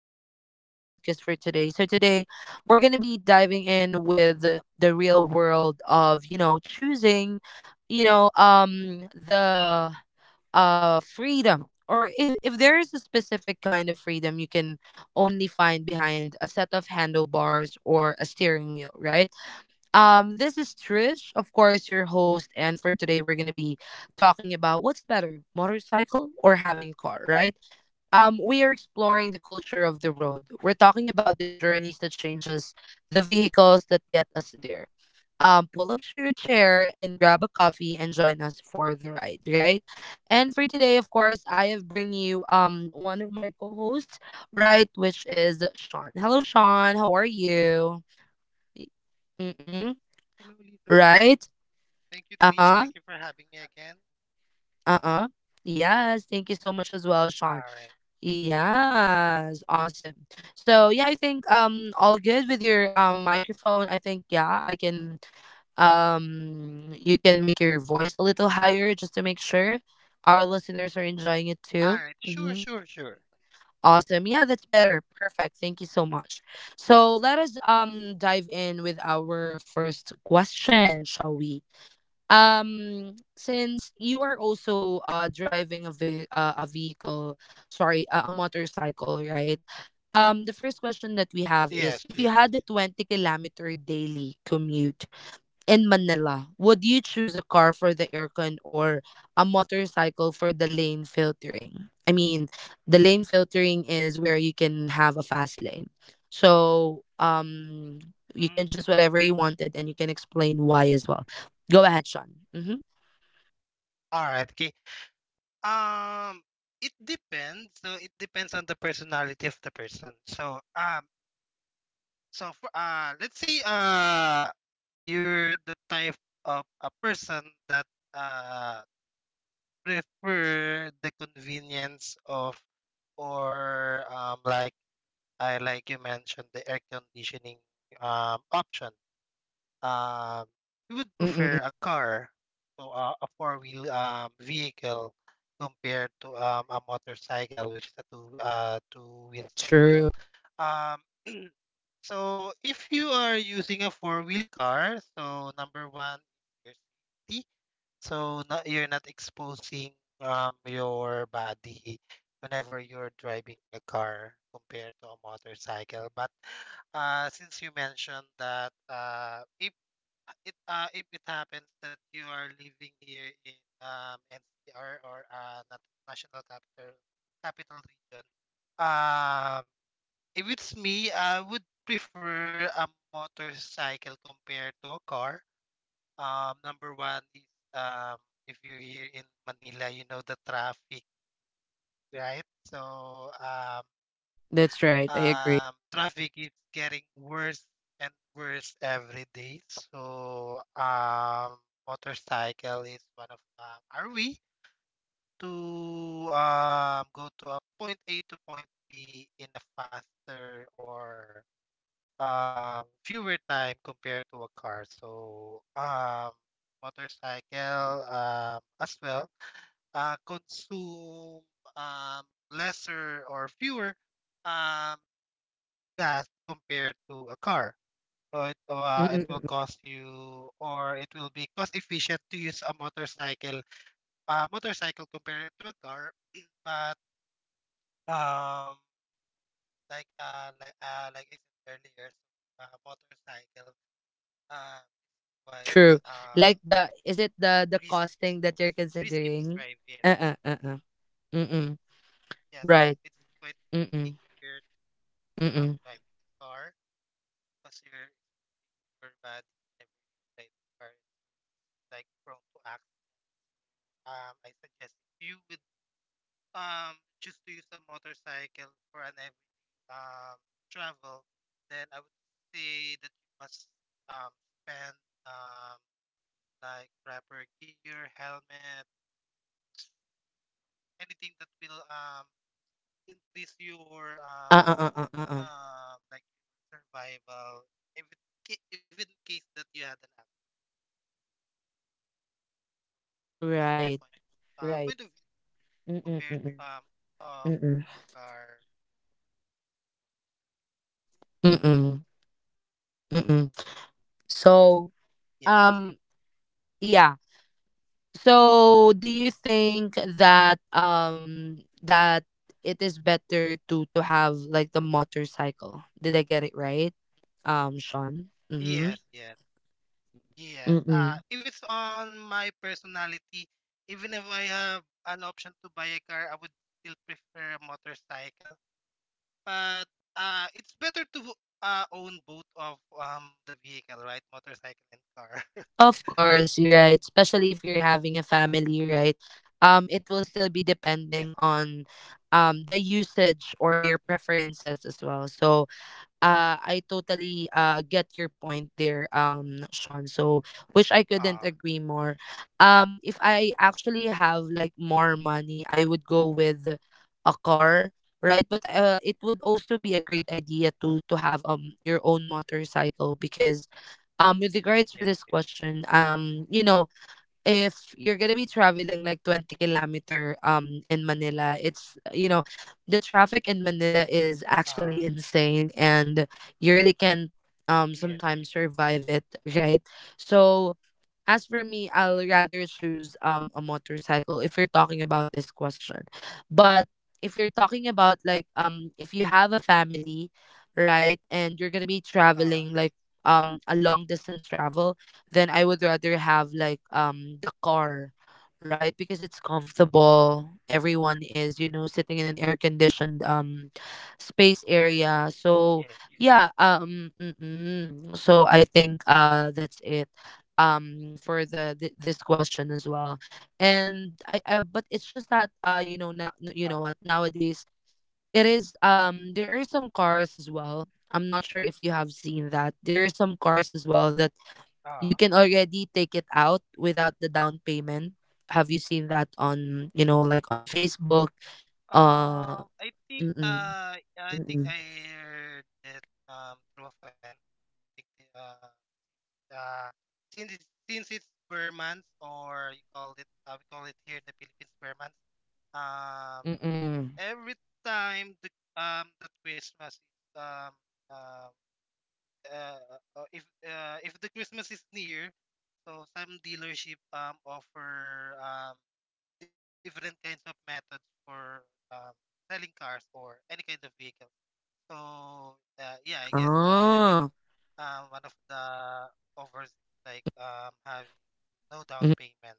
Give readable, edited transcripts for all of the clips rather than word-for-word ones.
back on our podcast for today. So today we're gonna be diving in with the real world of choosing, the freedom, or if there is a specific kind of freedom you can only find behind a set of handlebars or a steering wheel, right? This is Trish, of course, your host, and for today we're gonna be talking about what's better, motorcycle or having a car, right? We are exploring the culture of the road. We're talking about the journeys that changes, the vehicles that get us there. Pull up to your chair and grab a coffee and join us for the ride, right? And for today, of course, I have bring you one of my co-hosts, right, which is Sean. Hello, Sean. How are you? Mm-mm, Hello, Lisa. right? Thank you, Trish. Uh-huh. Thank you for having me again. Uh-uh. Yes, thank you so much as well, Sean. All right. Yes, awesome. So yeah, I think all good with your microphone. I think yeah, I can you can make your voice a little higher just to make sure our listeners are enjoying it too. All right. Sure, Mm-hmm. sure, sure. Awesome. Yeah, that's better. Perfect. Thank you so much. So let us dive in with our first question, shall we? Um, since you are also driving a a vehicle, sorry, a motorcycle, right? Um, the first question that we have Yes, is if you yes. had a 20-kilometer daily commute in Manila, would you choose a car for the aircon or a motorcycle for the lane filtering? I mean, the lane filtering is where you can have a fast lane. So, you Mm. can choose whatever you wanted and you can explain why as well. Go ahead, Sean. Mm-hmm. All right. Okay. Uh-uh. Um, it depends. So it depends on the personality of the person. So for, let's say you're the type of a person that uh prefer the convenience of or like I like you mentioned the air conditioning option, um, we would prefer Mm-mm-mm. a car, so a four wheel, vehicle compared to, a motorcycle, which is a two wheels vehicle. True. Um, so if you are using a four-wheel car, so number one, your safety. So not, you're not exposing, your body whenever you're driving a car compared to a motorcycle. But since you mentioned that if it happens that you are living here in NCR or national capital region. um if it's me, I would prefer a motorcycle compared to a car. Number one is, um if you're here in Manila, you know the traffic, right? Um That's right. I agree. Traffic is getting worse and worse every day. Motorcycle is one of, are we to, go to a point A to point B in a faster or, fewer time compared to a car. Motorcycle, as well consume, um, lesser or fewer, um, gas compared to a car. So it Mm-mm-mm. will cost you, or it will be cost efficient to use a motorcycle, motorcycle compared to a car. But um, like I said earlier, so, motorcycle uh quite True. uh Like, the is it the risk, costing that you're risky to considering? drive. Yes, Uh-uh. Uh-uh. Mm-mm. yes, Right. it's quite risky Mm-mm. compared to, Mm-mm. driving a car because your body never drive a car, it's like prone to accident. I suggest if you will um choose to use a motorcycle for an everyday travel, then I would say that you must um spend, um like proper gear, helmet, anything that will increase your Uh uh uh uh uh uh. Like your survival if it, ca- if in case that you had an accident. That's my Right, point. Right. Point of view Mm-mm, compared mm-mm, of mm-mm, using a car. mm-mm, mm-mm. So, Yes. um, yeah. So, do you think that that it is better to have like the motorcycle? Did I get it right, Sean? Mm-hmm. Yes, yes. Yes, Mm-mm. if it's on my personality, even if I have an option to buy a car, I would still prefer a motorcycle. But it's better to own both of the vehicle, right? Motorcycle and car. Of course, you're right. Especially if you're having a family, right? It will still be Yes. depending on the usage or your preferences as well. So, I totally get your point there, Sean. So, which I couldn't Uh, agree more. If I actually have like more money, I would go with a car, right? But it would also be a great idea to have your own motorcycle because with regards to yes. this Yes. question, if you're gonna be traveling like 20 kilometer in Manila, it's, you know, the traffic in Manila is Uh, actually insane and you really can yes. sometimes survive it, right? So as for me, I'll rather choose a motorcycle if you're talking about this question. But if you're talking about like if you have a family, right, and you're gonna be Uh, traveling like a long distance travel, then I would rather have like the car, right? Because it's comfortable. Everyone is, you know, sitting in an air conditioned space area. Yes. So I think that's it for the this question as well. And I but it's just that you know now, you know Uh, what, nowadays it is, there are some cars as well, I'm not sure if you have seen that there are some cars as well that you uh, can already take it out without the down payment. Have you seen that on, you know, like on Facebook? Uh I think mm-mm, I think I mm-mm, heard it through a friend. I think uh, since since it's per month, or you call it we call it here in the Philippines per month. Um, mm-mm. every time the Christmas is um if the Christmas is near, so some dealership offer, different kinds of methods for um selling cars or any kind of vehicle. So yeah, I guess I think, Oh. One of the offers like having no down payment.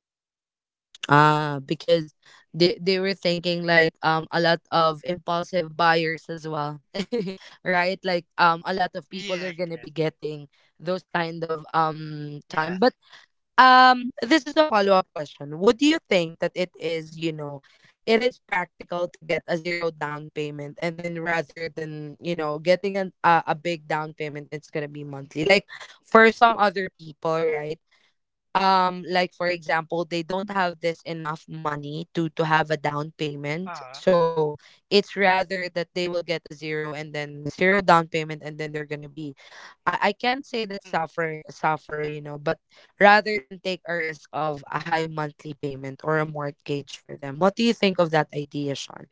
Ah, because they were thinking like a lot of impulsive buyers as well. Right? Like a lot of people are Yes, gonna be yes, getting those kind of time. yes. But this is a follow-up question. Would you think that it is, you know, it is practical to get a zero down payment and then rather than, you know, getting a big down payment, it's gonna be monthly. Like for some other people, right? Um, like for example, they don't have this enough money to have a down payment, Uh, so it's rather that they will get a zero and then zero down payment, and then they're gonna be, I can't say that, mm. Suffer, you know, but rather than take a risk of a high monthly payment or a mortgage for them. What do you think of that idea, Sean?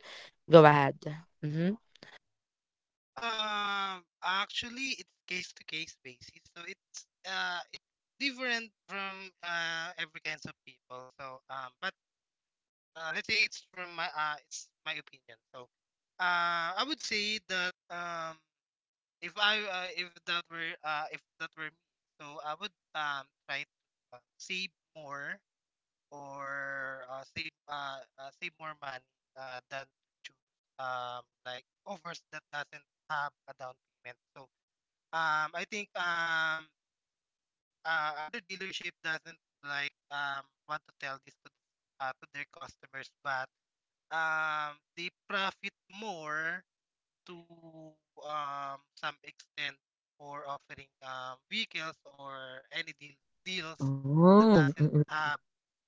Go ahead. Mm-hmm. Actually, it's case to case basis, so it's different from every kinds of people. But let's say it's my opinion. So, I would say that, if I if that were me, so I would try to save more or save more money than to choose like offers that doesn't have a down payment. So I think other dealership doesn't want to tell this to their customers, but they profit more to, some extent for offering vehicles or any deals that Oh, doesn't mm-mm. have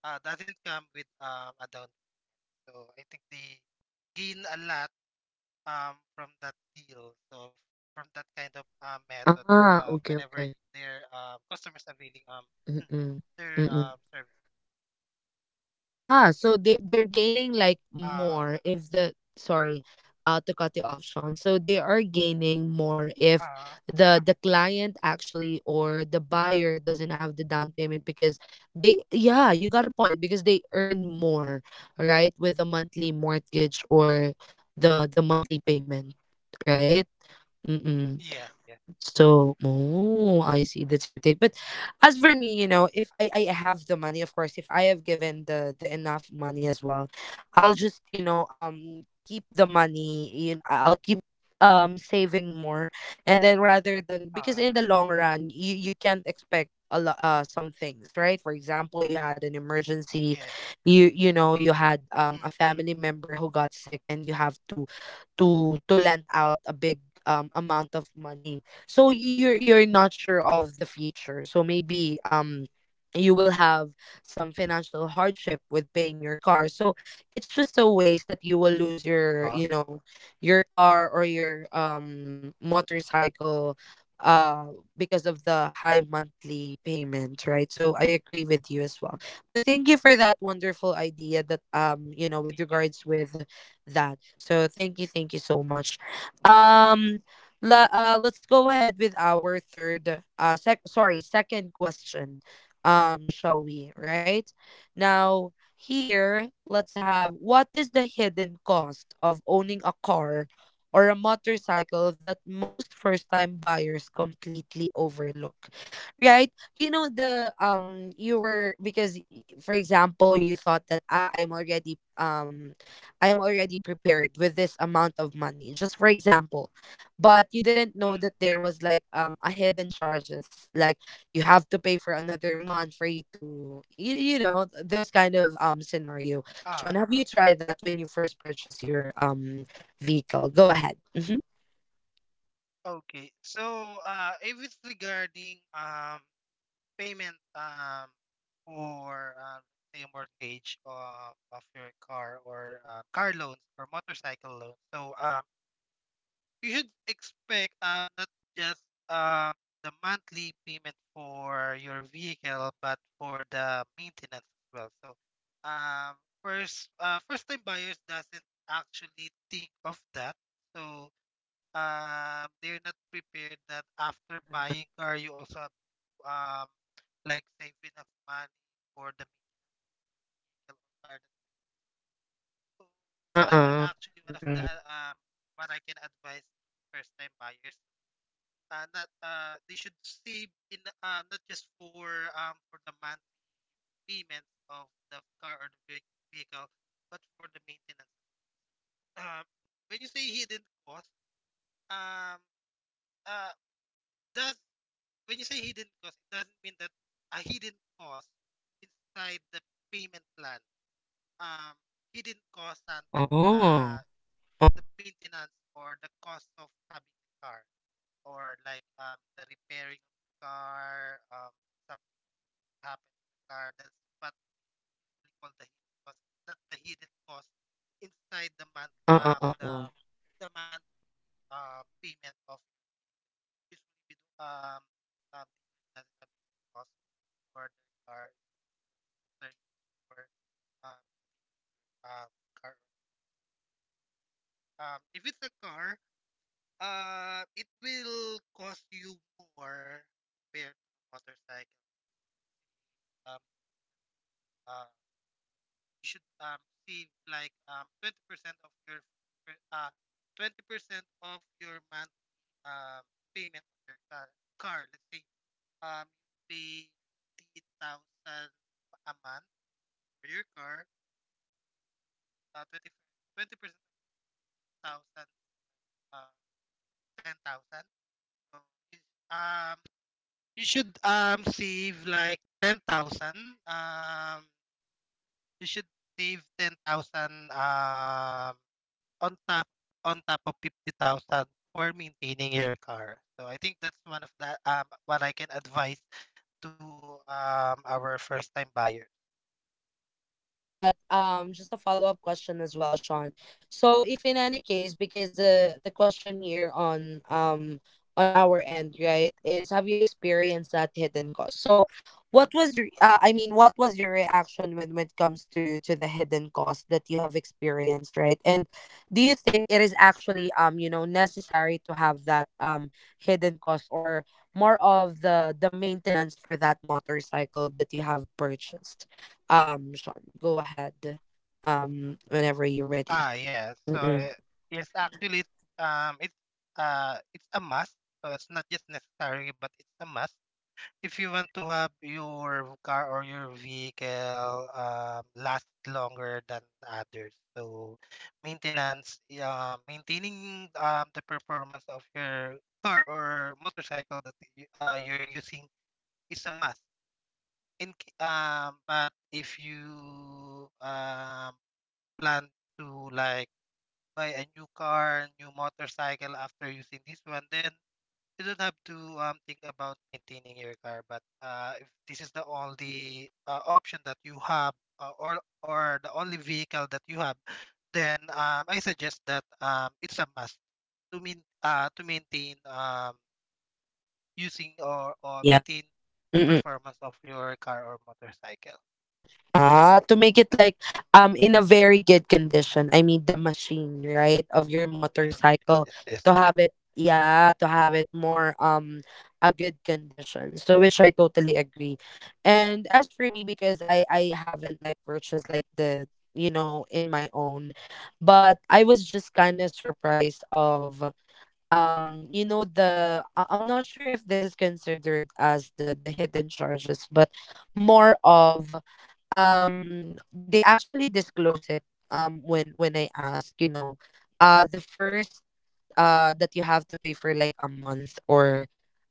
doesn't come with, a down, so I think they gain a lot from that deal. So from that kind of, methods, Ah, whenever okay, okay. their customers are availing Mm-mm. their Mm-mm. service. Ah, so they, they're gaining like Uh more if the, sorry, to cut you off, Sean. So they are gaining more if uh, the client actually or the buyer doesn't have the down payment because they, yeah, you got a point, because they earn more, right, with the monthly mortgage or the monthly payment, right? Mm-mm. yes, yes. So, oh, I see. That's your take. But as for me, you know, if I I have the money, of course, if I have given the enough money as well, I'll just, you know, keep the money. You know, I'll keep saving more, and then rather than, because Uh, in the long run, you can't expect a lot, some things, right? For example, you had an emergency. yes. You know, you had a Mm. family member who got sick and you have to to lend out a big amount of money. So you're not sure of the future, so maybe you will have some financial hardship with paying your car. So it's just a waste that you will lose Uh, your, you know, your car or your motorcycle uh because of the high monthly payment, right? So I agree with you as well. yes. But thank you for that wonderful idea that, you know, with regards with that. So thank you so much. Um, let's go ahead with our third, sorry, second question. Shall we? Right now, here, let's have, what is the hidden cost of owning a car or a motorcycle that most first-time buyers completely overlook, right? You know the, you were, because for example, you thought that, ah, I'm already, I am already prepared with this amount of money, just for example. But you Mm. didn't know that there was like a hidden charges, like you have to pay for another month for you to, you, you know, those kind of scenario. uh Sean, have you tried that when you first purchase your vehicle? Go ahead. Mm-hmm. okay. So uh if it's regarding payment, for say a mortgage of your car, or car loans or motorcycle loans. So you should expect not just, um the monthly payment for your vehicle, but for the maintenance as well. So um first time buyers doesn't actually think of that. So they're not prepared that Uh after uh buying car, you also have to, um like save enough money for the vehicle or car. So uh that's uh. actually one of the, Mm-mm. What I can advise first time buyers, not they should save in not just for, for the monthly payments of the car or the vehicle, but for the maintenance. Um, when you say hidden cost, um, uh, does when you say hidden cost, it doesn't mean that a hidden cost inside the payment plan. Um, Hidden cost sometimes Oh. Uh the maintenance or the cost of having a car, or like the repairing of the car um happened in the car. That's what we call the hidden cost. Not the hidden cost inside the month uh uh uh. the month, payment of, usually we do dealer doesn't have hidden cost for their car service, or um car, if it's a car, it will cost you more compared to motorcycle. um uh. You should, save like, 20% of your your, uh, 20% of your monthly, um, payment on your car. Let's say, um, you pay 50,000 a month for your car, uh, 20, 20% of 1,000, uh, 10,000. So you, um, you should, save like 10,000. Um, you should save 10,000 on top on top of 50,000 for maintaining your car. So I think that's one of the what I can advise to our first time buyer. Yeah, but just a follow-up question as well, Sean. So, if in any case, because the question here on our end, right, is have you experienced that hidden cost? So, what was your I mean, what was your reaction when it comes to the hidden cost that you have experienced, right? And do you think it is actually, you know, necessary to have that hidden cost or more of the maintenance for that motorcycle that you have purchased? Sean, go ahead. Whenever you're ready. Ah yeah. So Mm-mm. Yes actually um it's it's a must. So it's not just necessary, but it's a must if you want to have your car or your vehicle, last longer than others. So maintenance, yeah, maintaining, the performance of your car or motorcycle that you're using, is a must but if you, plan to like buy a new car, new motorcycle after using this one, then you don't have to think about maintaining your car. But if this is the only, option that you have, or the only vehicle that you have, then, I suggest that, it's a must to mean to maintain, using, or Yeah. maintain the Mm-mm. performance of your car or motorcycle. Ah, to make it like in a very good condition. I mean the machine, right, of your Yes, motorcycle yes, to yes, have it. Yeah, to have it more a good condition. So which I totally agree. And as for me, because I haven't like purchased like the, you know, in my own, but I was just kind of surprised of you know the I'm not sure if this is considered as the hidden charges, but more of they actually disclose it when I ask, you know, the first, that you have to pay for like a month or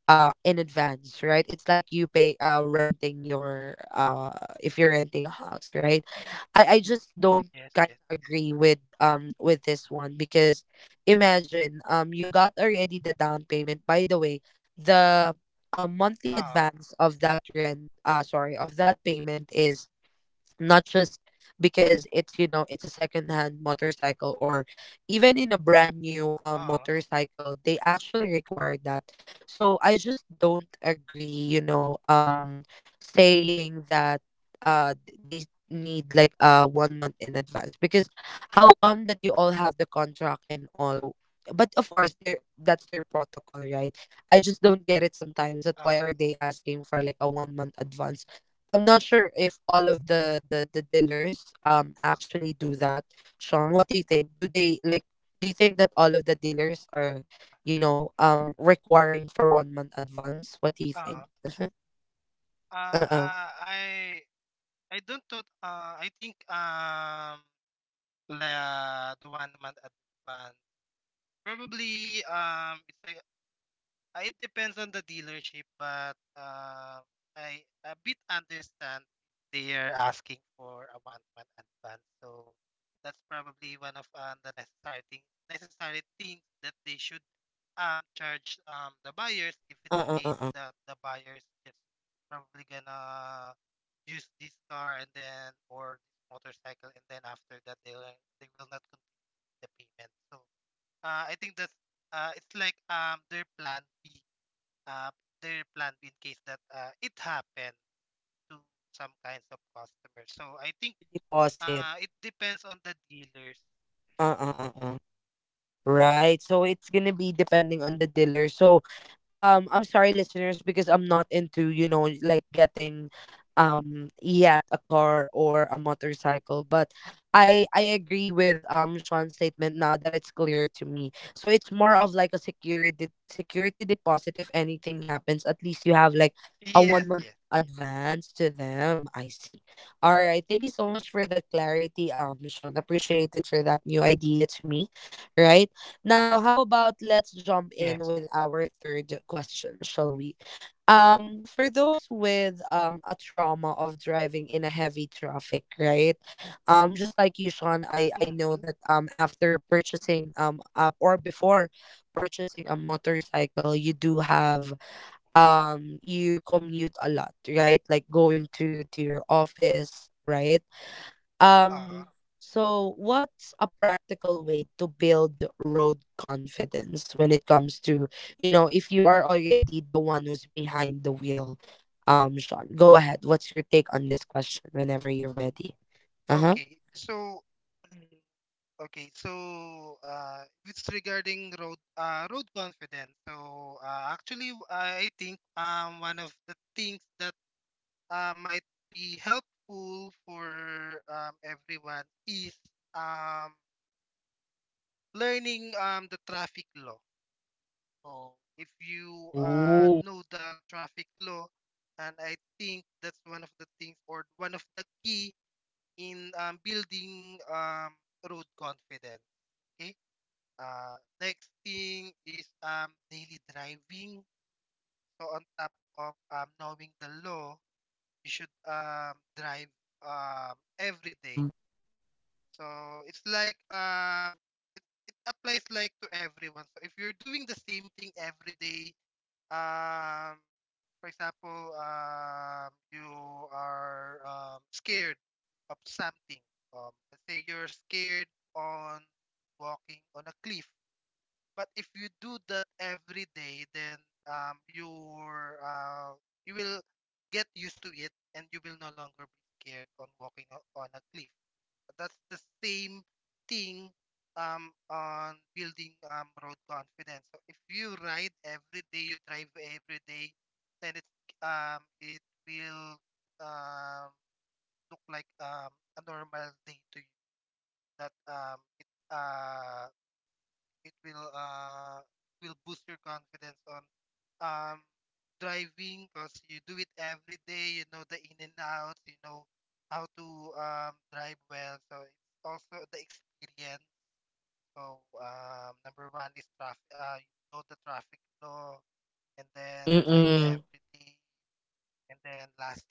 in advance, right? It's like you pay, renting your, if you're renting a house, right? I just don't yes, kind yes. of agree with, with this one because imagine, you got already the down payment. By the way, the monthly Uh advance of that rent, sorry, of that payment is not just because it's, you know, it's a secondhand motorcycle, or even in a brand new uh motorcycle, they actually require that. So I just don't agree, you know, saying that they need like one month in advance. Because how come that you all have the contract and all, but of course, there, that's their protocol, right? I just don't get it sometimes that why are uh they asking for like a one month advance. I'm not sure if all of the dealers actually do that. Sean, what do you think? Do they like Do you think that all of the dealers are, requiring for one month advance? What do you uh think? uh, Uh-huh. Uh-uh. uh, I don't thought I think La the 1 month advance. Probably it's like it depends on the dealership, but I a bit understand they are asking for a 1 month advance. So that's probably one of, necessary things that they should charge the buyers, if it's Uh-uh. case Uh-uh. that the buyers just probably gonna use this car, and then or this motorcycle, and then after that they'll they will not the payment. So I think that's, it's like uh, their plan B in case that it happened to some kinds of Ah, it's like a customers. So I think security deposit. It depends on the dealers. Uh-uh. Uh-uh. Right. So it's gonna be depending on the dealer. So I'm sorry, listeners, because I'm not into, like getting yet a car or a motorcycle. But I agree with Sean's statement now that it's clear to me. So it's more of like a security deposit if anything happens. At least you have like a one Yes, month yes, advance to them. I see. All right. Thank you so much for that clarity, Sean. Appreciated for that new idea to me. Right? Now, how about let's jump in yes. with our third question, shall we? For those with a trauma of driving in a heavy traffic, right? Just like you, Sean, I know Mm-hmm. that after purchasing or before purchasing a motorcycle, you do have you commute a lot, right? Like going to your office, right? Uh, Um, so what's a practical way to build road confidence when it comes to, if you are already the one who's behind the wheel? Sean, go ahead. What's your take on this question whenever you're ready? Uh-huh. okay. So mm, it's regarding road road confidence. So actually, I think one of the things that might be helpful for, everyone is, um, learning, the traffic law. So if you Ooh. know the traffic law, and I think that's one of the things or one of the key in, building, road confidence. Okay. Uh, Next thing is, daily driving. So on top of, knowing the law, you should, drive, every day. Mm-mm. So it's like it applies like to everyone. So if you're doing the same thing every day, um for example, you are scared of something. Let's say you're scared on walking on a cliff. But if you do that every day, then you will get used to it, and you will no longer be scared on on a cliff. That's the same thing, on building, road confidence. So if you ride every day, you drive every day, then it will, um, look like, a normal day to you. That, it will uh it will boost your confidence on um driving because you do it every day, you know the in and outs, you know how to drive well, so it's also the experience. So, number one is traffic, you know the traffic law, and then drive Mm-mm. every day, and then last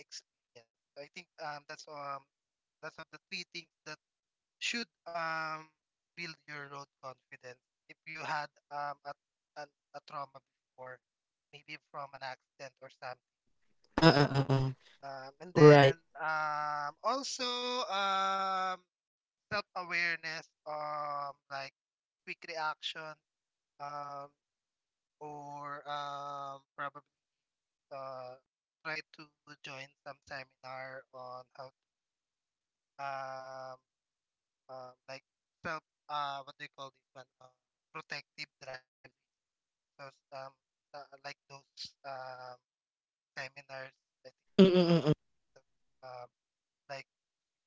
is experience. So I think that's of the three things that should build your road confidence. If you had a, a trauma before, maybe from an accident or something. Uh-uh-uh. And then Right. Also um self awareness, like quick reaction, um or probably uh try to join some seminar on how to, like self, what do you call this one, protective driving. Because like those um, seminars, I think that's one of Mm-mm. the things that like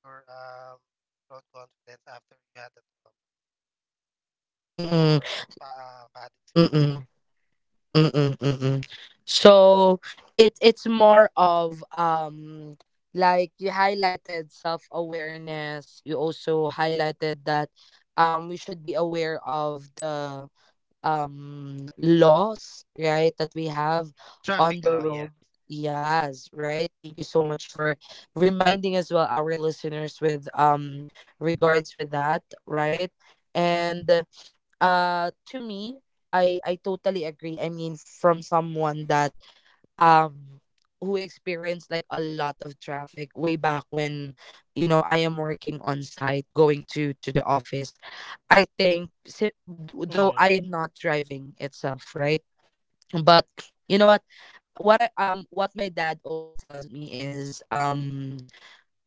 your road confidence after you had a trauma Mm-mm. or bad experience. Mm-mm. Mm-mm, mm-mm. So it's more of like you highlighted self-awareness. You also highlighted that we should be aware of the laws, right, that we have on Traffic the law, road. yes. Yes, right. Thank you so much for reminding as well our listeners with regards with that, right? And to me, I totally agree. I mean, from someone that um who experienced like a lot of traffic way back when, you know, I am working on site going to the office. I think, though Mm. I am not driving itself, right, but you know what, Uh, what my dad always tells me is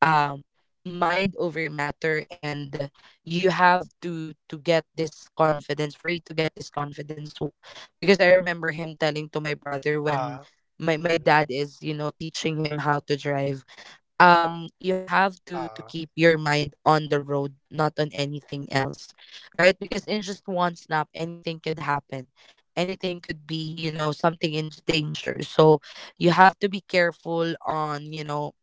um mind over matter, and you have to get this confidence, for you to get this confidence, because I remember him telling to my brother, when uh, my mm, dad is, you know, teaching him how to drive, you have to uh, keep your mind on the road, not on anything else, right, because in just one snap anything could happen, anything could be, something in danger. So you have to be careful on,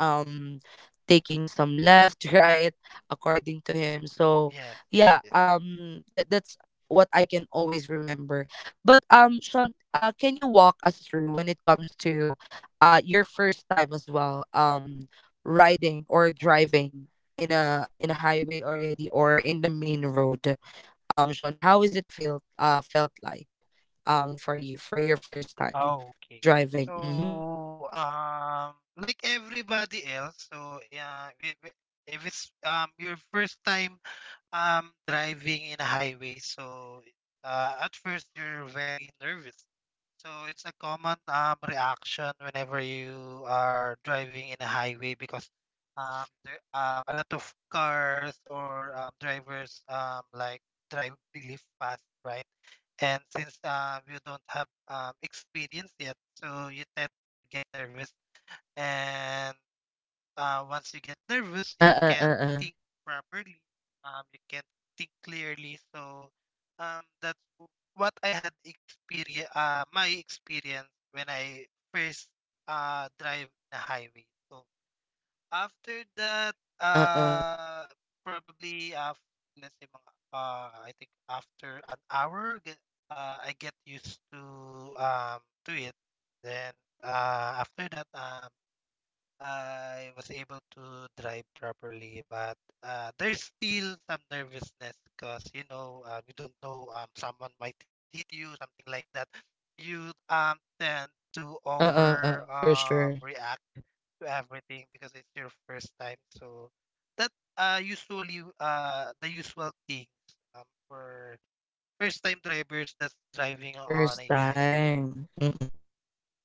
um taking some left right, according to him. So yes, yes, yeah, yes. That's what I can always remember. But Sean, can you walk us through when it comes to your first time as well, riding or driving in a highway already, or in the main road, Sean, how is it felt like for your first time Okay. driving? Mm-hmm. So, like everybody else, so yeah, if it's your first time I'm driving in a highway, so at first you're very nervous. So it's a common reaction whenever you are driving in a highway because there a lot of cars or drivers, like, drive really fast, right? And since you don't have experience yet, so you tend to get nervous, and once you get nervous, you Uh-uh, can't uh-uh, think properly. You can't think clearly. So, that's what I had experience. My experience when I first drive the highway. So after that, uh-uh, uh, probably af let's say mga, I think after an hour, I get used to it. Then after that, I was able to drive properly, but there's still some nervousness because you know, you don't know, someone might hit you, something like that. You tend to uh-uh, over uh-uh, for sure. react to everything because it's your first time. So that usually the usual things um for first time drivers that's driving on First a highway. time. Mm.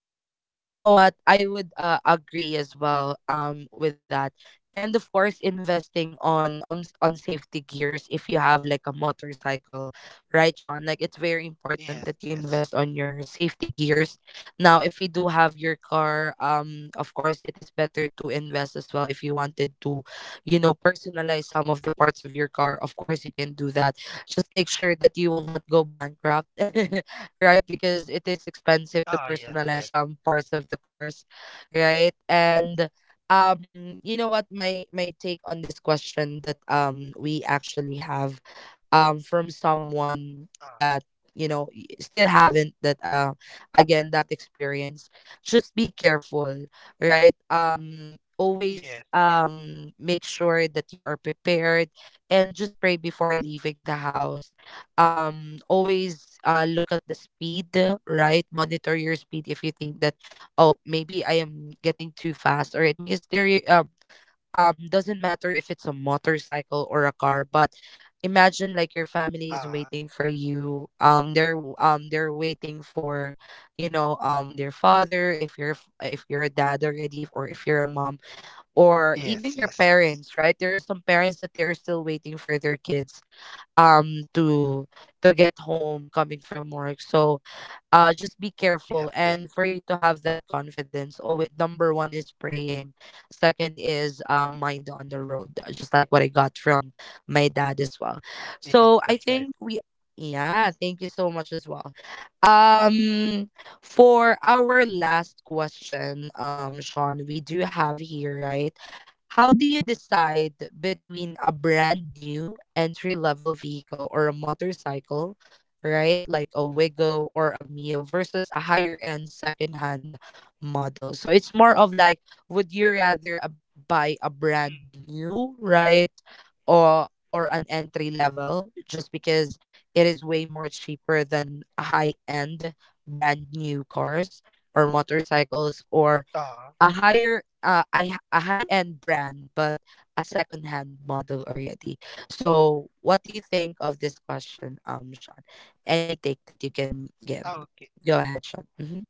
And you know what, I would, agree as well, with that. And of course, investing on, on safety gears if you have like a motorcycle, right, Sean? Like, it's very important Yes, that you yes. invest on your safety gears. Now, if you do have your car, of course it is better to invest as well. If you wanted to, personalize some of the parts of your car, of course you can do that. Just make sure that you will not go bankrupt right? Because it is expensive to Ah, yes, yes. personalize some parts of the cars, right? And you know what? My take on this question that we actually have from someone Ah, that, you know, still haven't that, again, that experience. Just be careful, right? Yes, Always yes. Make sure that you are prepared, and just pray before leaving the house. Always look at the speed, right? Monitor your speed. If you think that, oh, maybe I am getting too fast already, because there, doesn't matter if it's a motorcycle or a car. But imagine like your family is Ah. waiting for you, they're waiting for, their father, if you're if you're a dad already, or if you're a mom, or even Yes, your yes. parents, right? There are some parents that they're still waiting for their kids, to get home coming from work. So just be careful, Yes, yes. and for you to have that confidence, oh, number one is praying. Second is mind on the road, just like what I got from my dad as well. Yes, So I that's think right. we, yeah, thank you so much as well, um for our last question. Sean, we do have here, right, how do you decide between a brand new entry level vehicle or a motorcycle, right? Like a Wigo or a Mio versus a higher end secondhand model. So it's more of like, would you rather, buy a brand Mm. new, right? Or an entry level, just because it is way more cheaper than high end brand new cars or motorcycles, or Ah, a higher, a high end brand, but a second hand model already. So what do you think of this question, Sean? Any take that you can give? okay. Go ahead, Sean. Hmm.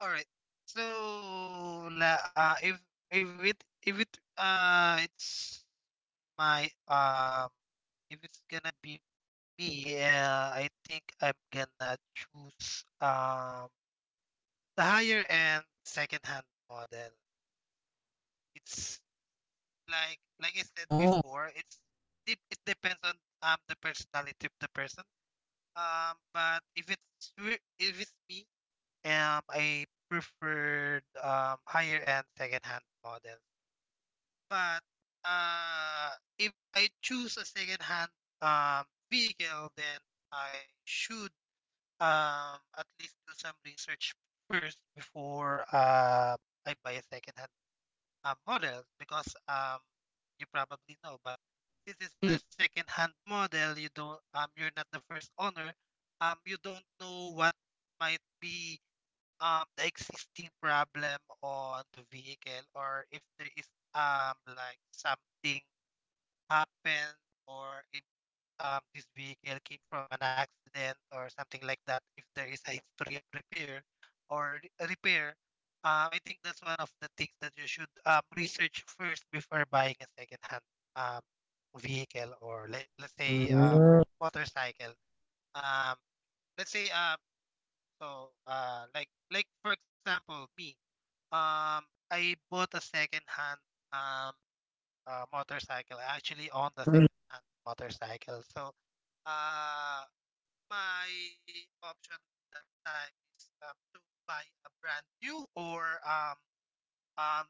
All right. So, if it it's my if it's gonna be me, I think I'm gonna choose the higher end second-hand model. It's like I said Oh. before, it depends on the personality of the person. But if if it's me, I preferred higher end second-hand models. But uh, if I choose a second-hand um, vehicle, then I should, at least do some research first before, I buy a second-hand model because, you probably know, but this is a Mm. second-hand model. You're not the first owner. You don't know what might be the existing problem on the vehicle, or if there is like something happened, or if this uh, vehicle uh, uh, came from an accident or something like that, if there is a history of repair or repair, I think that's one of the things that you should research first before buying a second-hand um, vehicle, or let's say uh, motorcycle. Um, let's say, so like for example me, um, I bought a second-hand um, motorcycle. I actually own the mm, mm. second-hand motorcycle. So Uh, my option that time is to buy a brand new or um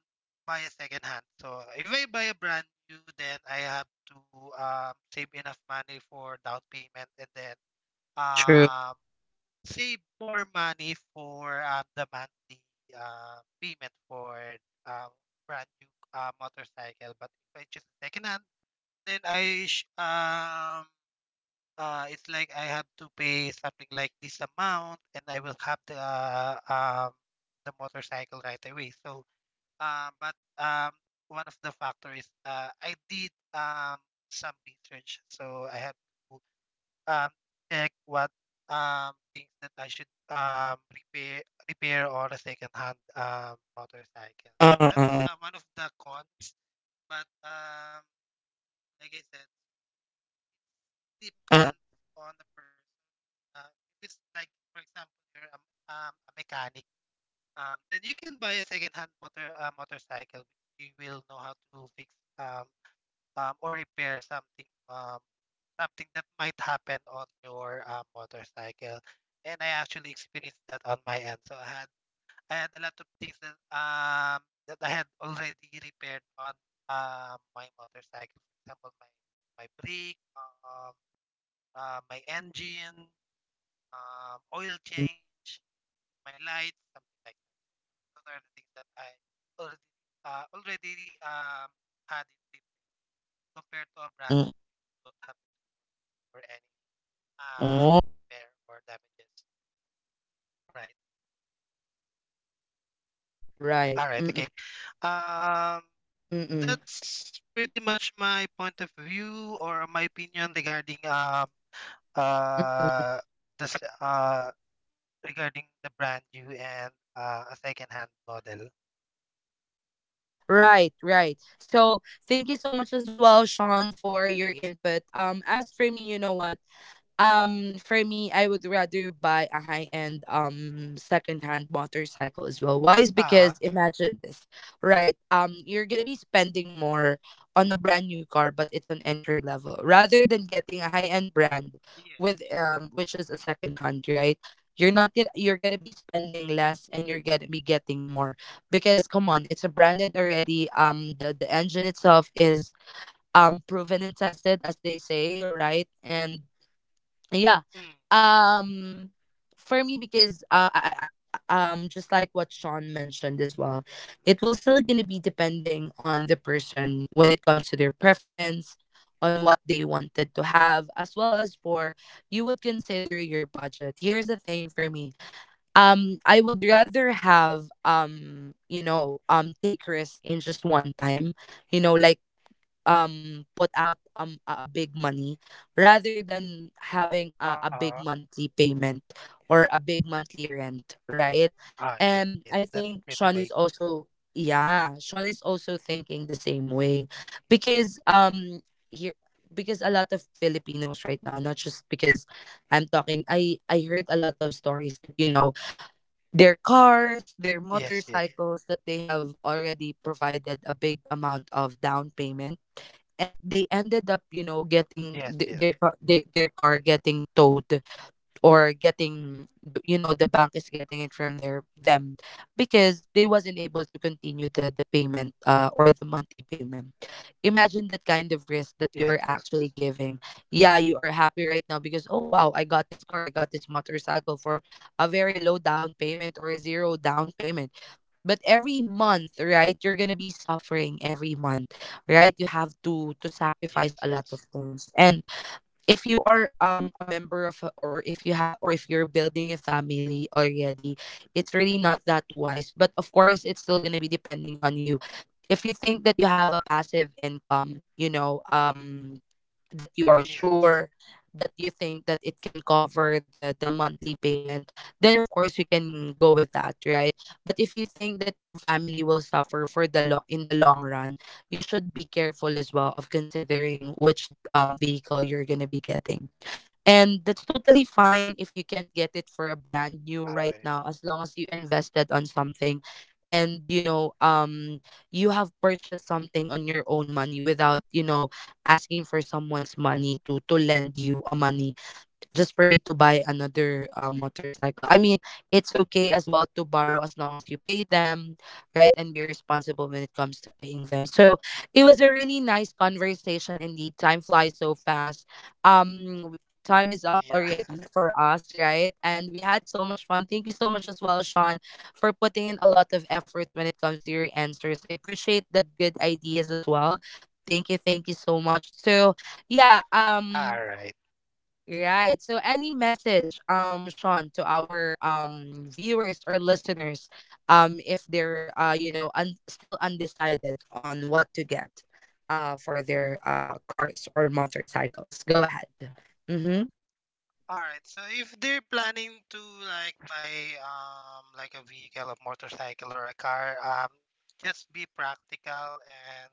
buy a second hand. So if I buy a brand new, then I have to save enough money for down payment, and then True. um save more money for the monthly payment for um brand new motorcycle. But if I choose second hand, then it's like I have to pay something like this amount, and I will have the motorcycle right away. So, but one of the factors, I did some research, so I have to um check what things that I should repair on a second hand motorcycle. uh, So uh, uh, that's uh, one of the cons, but like I said, uh, depends on the person. Uh, if it's like, for example, you're a mechanic, then you can buy a second-hand motorcycle. You will know how to fix, um, or repair something that might happen on your motorcycle. And I actually experienced that on my end. So I had a lot of things that I had already repaired on my motorcycle. For example, my brake, my engine, mm, oil mm, change, my lights, something like that. Those are the things that I already already had in tip compared to mm, a mm, brand mm. you don't have to for any um Oh. repair or damages. Right. Right. All right. Mm, mm, Okay. Um, mm, that's pretty much my point of view or my opinion regarding mm, mm, mm. uh this regarding the brand new and a second hand model. Right, right. So thank you so much as well, Sean, for your input. As for me, you know what, for me, I would rather buy a high end second-hand motorcycle as well. Why is Ah, because imagine this, right? You're gonna be spending more on a brand new car, but it's an entry level, rather than getting a high end brand, yes. with which is a second hand, right? You're not gonna You're gonna be spending less, and you're gonna be getting more, because come on, it's a branded already. The engine itself is proven and tested, as they say, right? And yeah, Mm. um for me, because, just like what Sean mentioned as well, it will still gonna be depending on the person when it comes to their preference on what they wanted to have, as well as for you would consider your budget. Here's the thing for me, I would rather have, take risk in just one time, you know, like, put out, a big money, rather than having a Ah, big monthly payment or a big monthly rent, right? ah, yes, And yes. I That's think pretty Sean wise. is also, yeah, Sean is also thinking the same way, because here, because a lot of Filipinos right now, not just because I'm talking, I heard a lot of stories that, their cars, their Yes, yes, motorcycles, that they have already provided a big amount of down payment. They ended up, yes, getting yes, their car, their car getting towed, or getting the bank is getting it from their them, because they wasn't able to continue the payment, or the monthly payment. Imagine that kind of risk that you yes, are actually yes, giving. Yeah, you are happy right now because, oh wow, I got this car, I got this motorcycle for a very low down payment or a zero down payment. But every month, right, you're gonna be suffering every month, right? You have to sacrifice yes, a lot of yes, things. And if you are a member of a, or if you have, or if you're building a family already, it's really not that wise. But of course, it's still going to be depending on you. If you think that you have a passive income, that you are yes. sure, that you think that it can cover the monthly payment, then of course you can go with that, right? But if you think that your family will suffer for, in the long run, you should be careful as well of considering which vehicle you're going to be getting. And that's totally fine if you can't get it for a brand new All right right. now, as long as you invested on something, and you have purchased something on your own money, without, asking for someone's money to lend you a money, just for you to buy another, motorcycle. I mean, it's okay as well to borrow, as long as you pay them, right? And be responsible when it comes to paying them. So it was a really nice conversation indeed. Time flies so fast. Um, w- Time is up Yeah. already for us, right? And we had so much fun. Thank you so much as well, Sean, for putting in a lot of efforts when it comes to your answers. I appreciate the good ideas as well. Thank you so much. So yeah, All right. right. So any message, Sean, to our viewers or listeners, if they're, still undecided on what to get for their cars or motorcycles? Go ahead. Mhm. All right. So if they're planning to like buy like a vehicle, a motorcycle, or a car, just be practical, and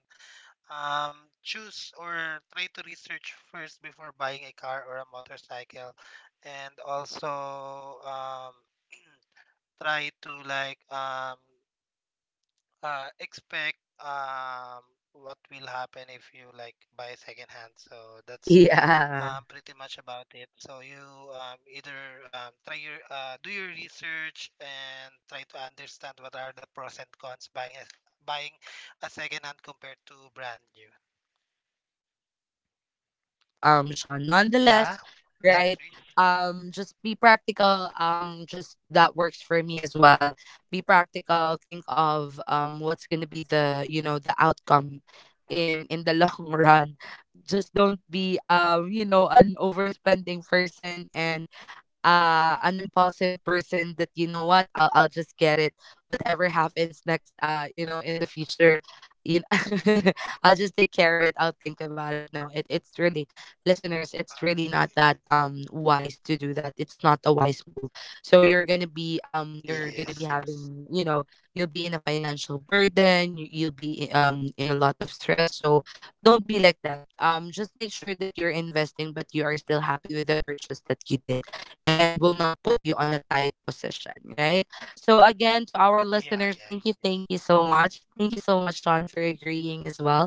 um choose or try to research first before buying a car or a motorcycle, and also try to, like, expect, um, what will happen if you like buy second hand. So that's Yeah. Pretty much about it. So you either try your do your research, and try to understand what are the pros and cons buying a, second hand compared to brand new. That's right. I agree with you, Sean. Nonetheless, Yeah. Yeah. right? Trish. Just be practical. Just that works for me as well. Be practical. Think of what's gonna be the, the outcome in the long run. Just don't be, an overspending person, and an impulsive person that, you know what, I'll just get it, whatever happens next, in the future, you know I'll just take care of it. I'll think about it. No, it's really, listeners, it's All really not right. that wise to do that. It's not a wise move. So, you're gonna be Yes, yes. having, you know, you'll be in a financial burden. You'll be, in a lot of stress. So don't be like that. Just make sure that you're investing, but you are still happy with the purchase that you did, and will not put you on a tight position, right? So again, to our Yeah, listeners, yeah, yeah, thank you so much. Thank you so much, Sean, for agreeing as well.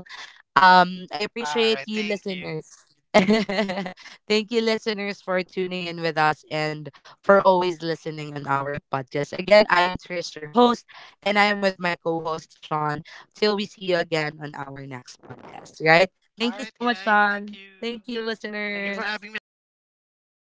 I yeah. All appreciate right. you, Thank you. listeners. Thank you, listeners, for tuning in with us, and for always listening on our podcast. Again, I am Trish, your host, and I am with my co host, Sean. Till we see you again on our next podcast, right? All Thank right, you so much, guys. Thank Sean. you. Thank you, Thank you for listeners. having me again, Trish.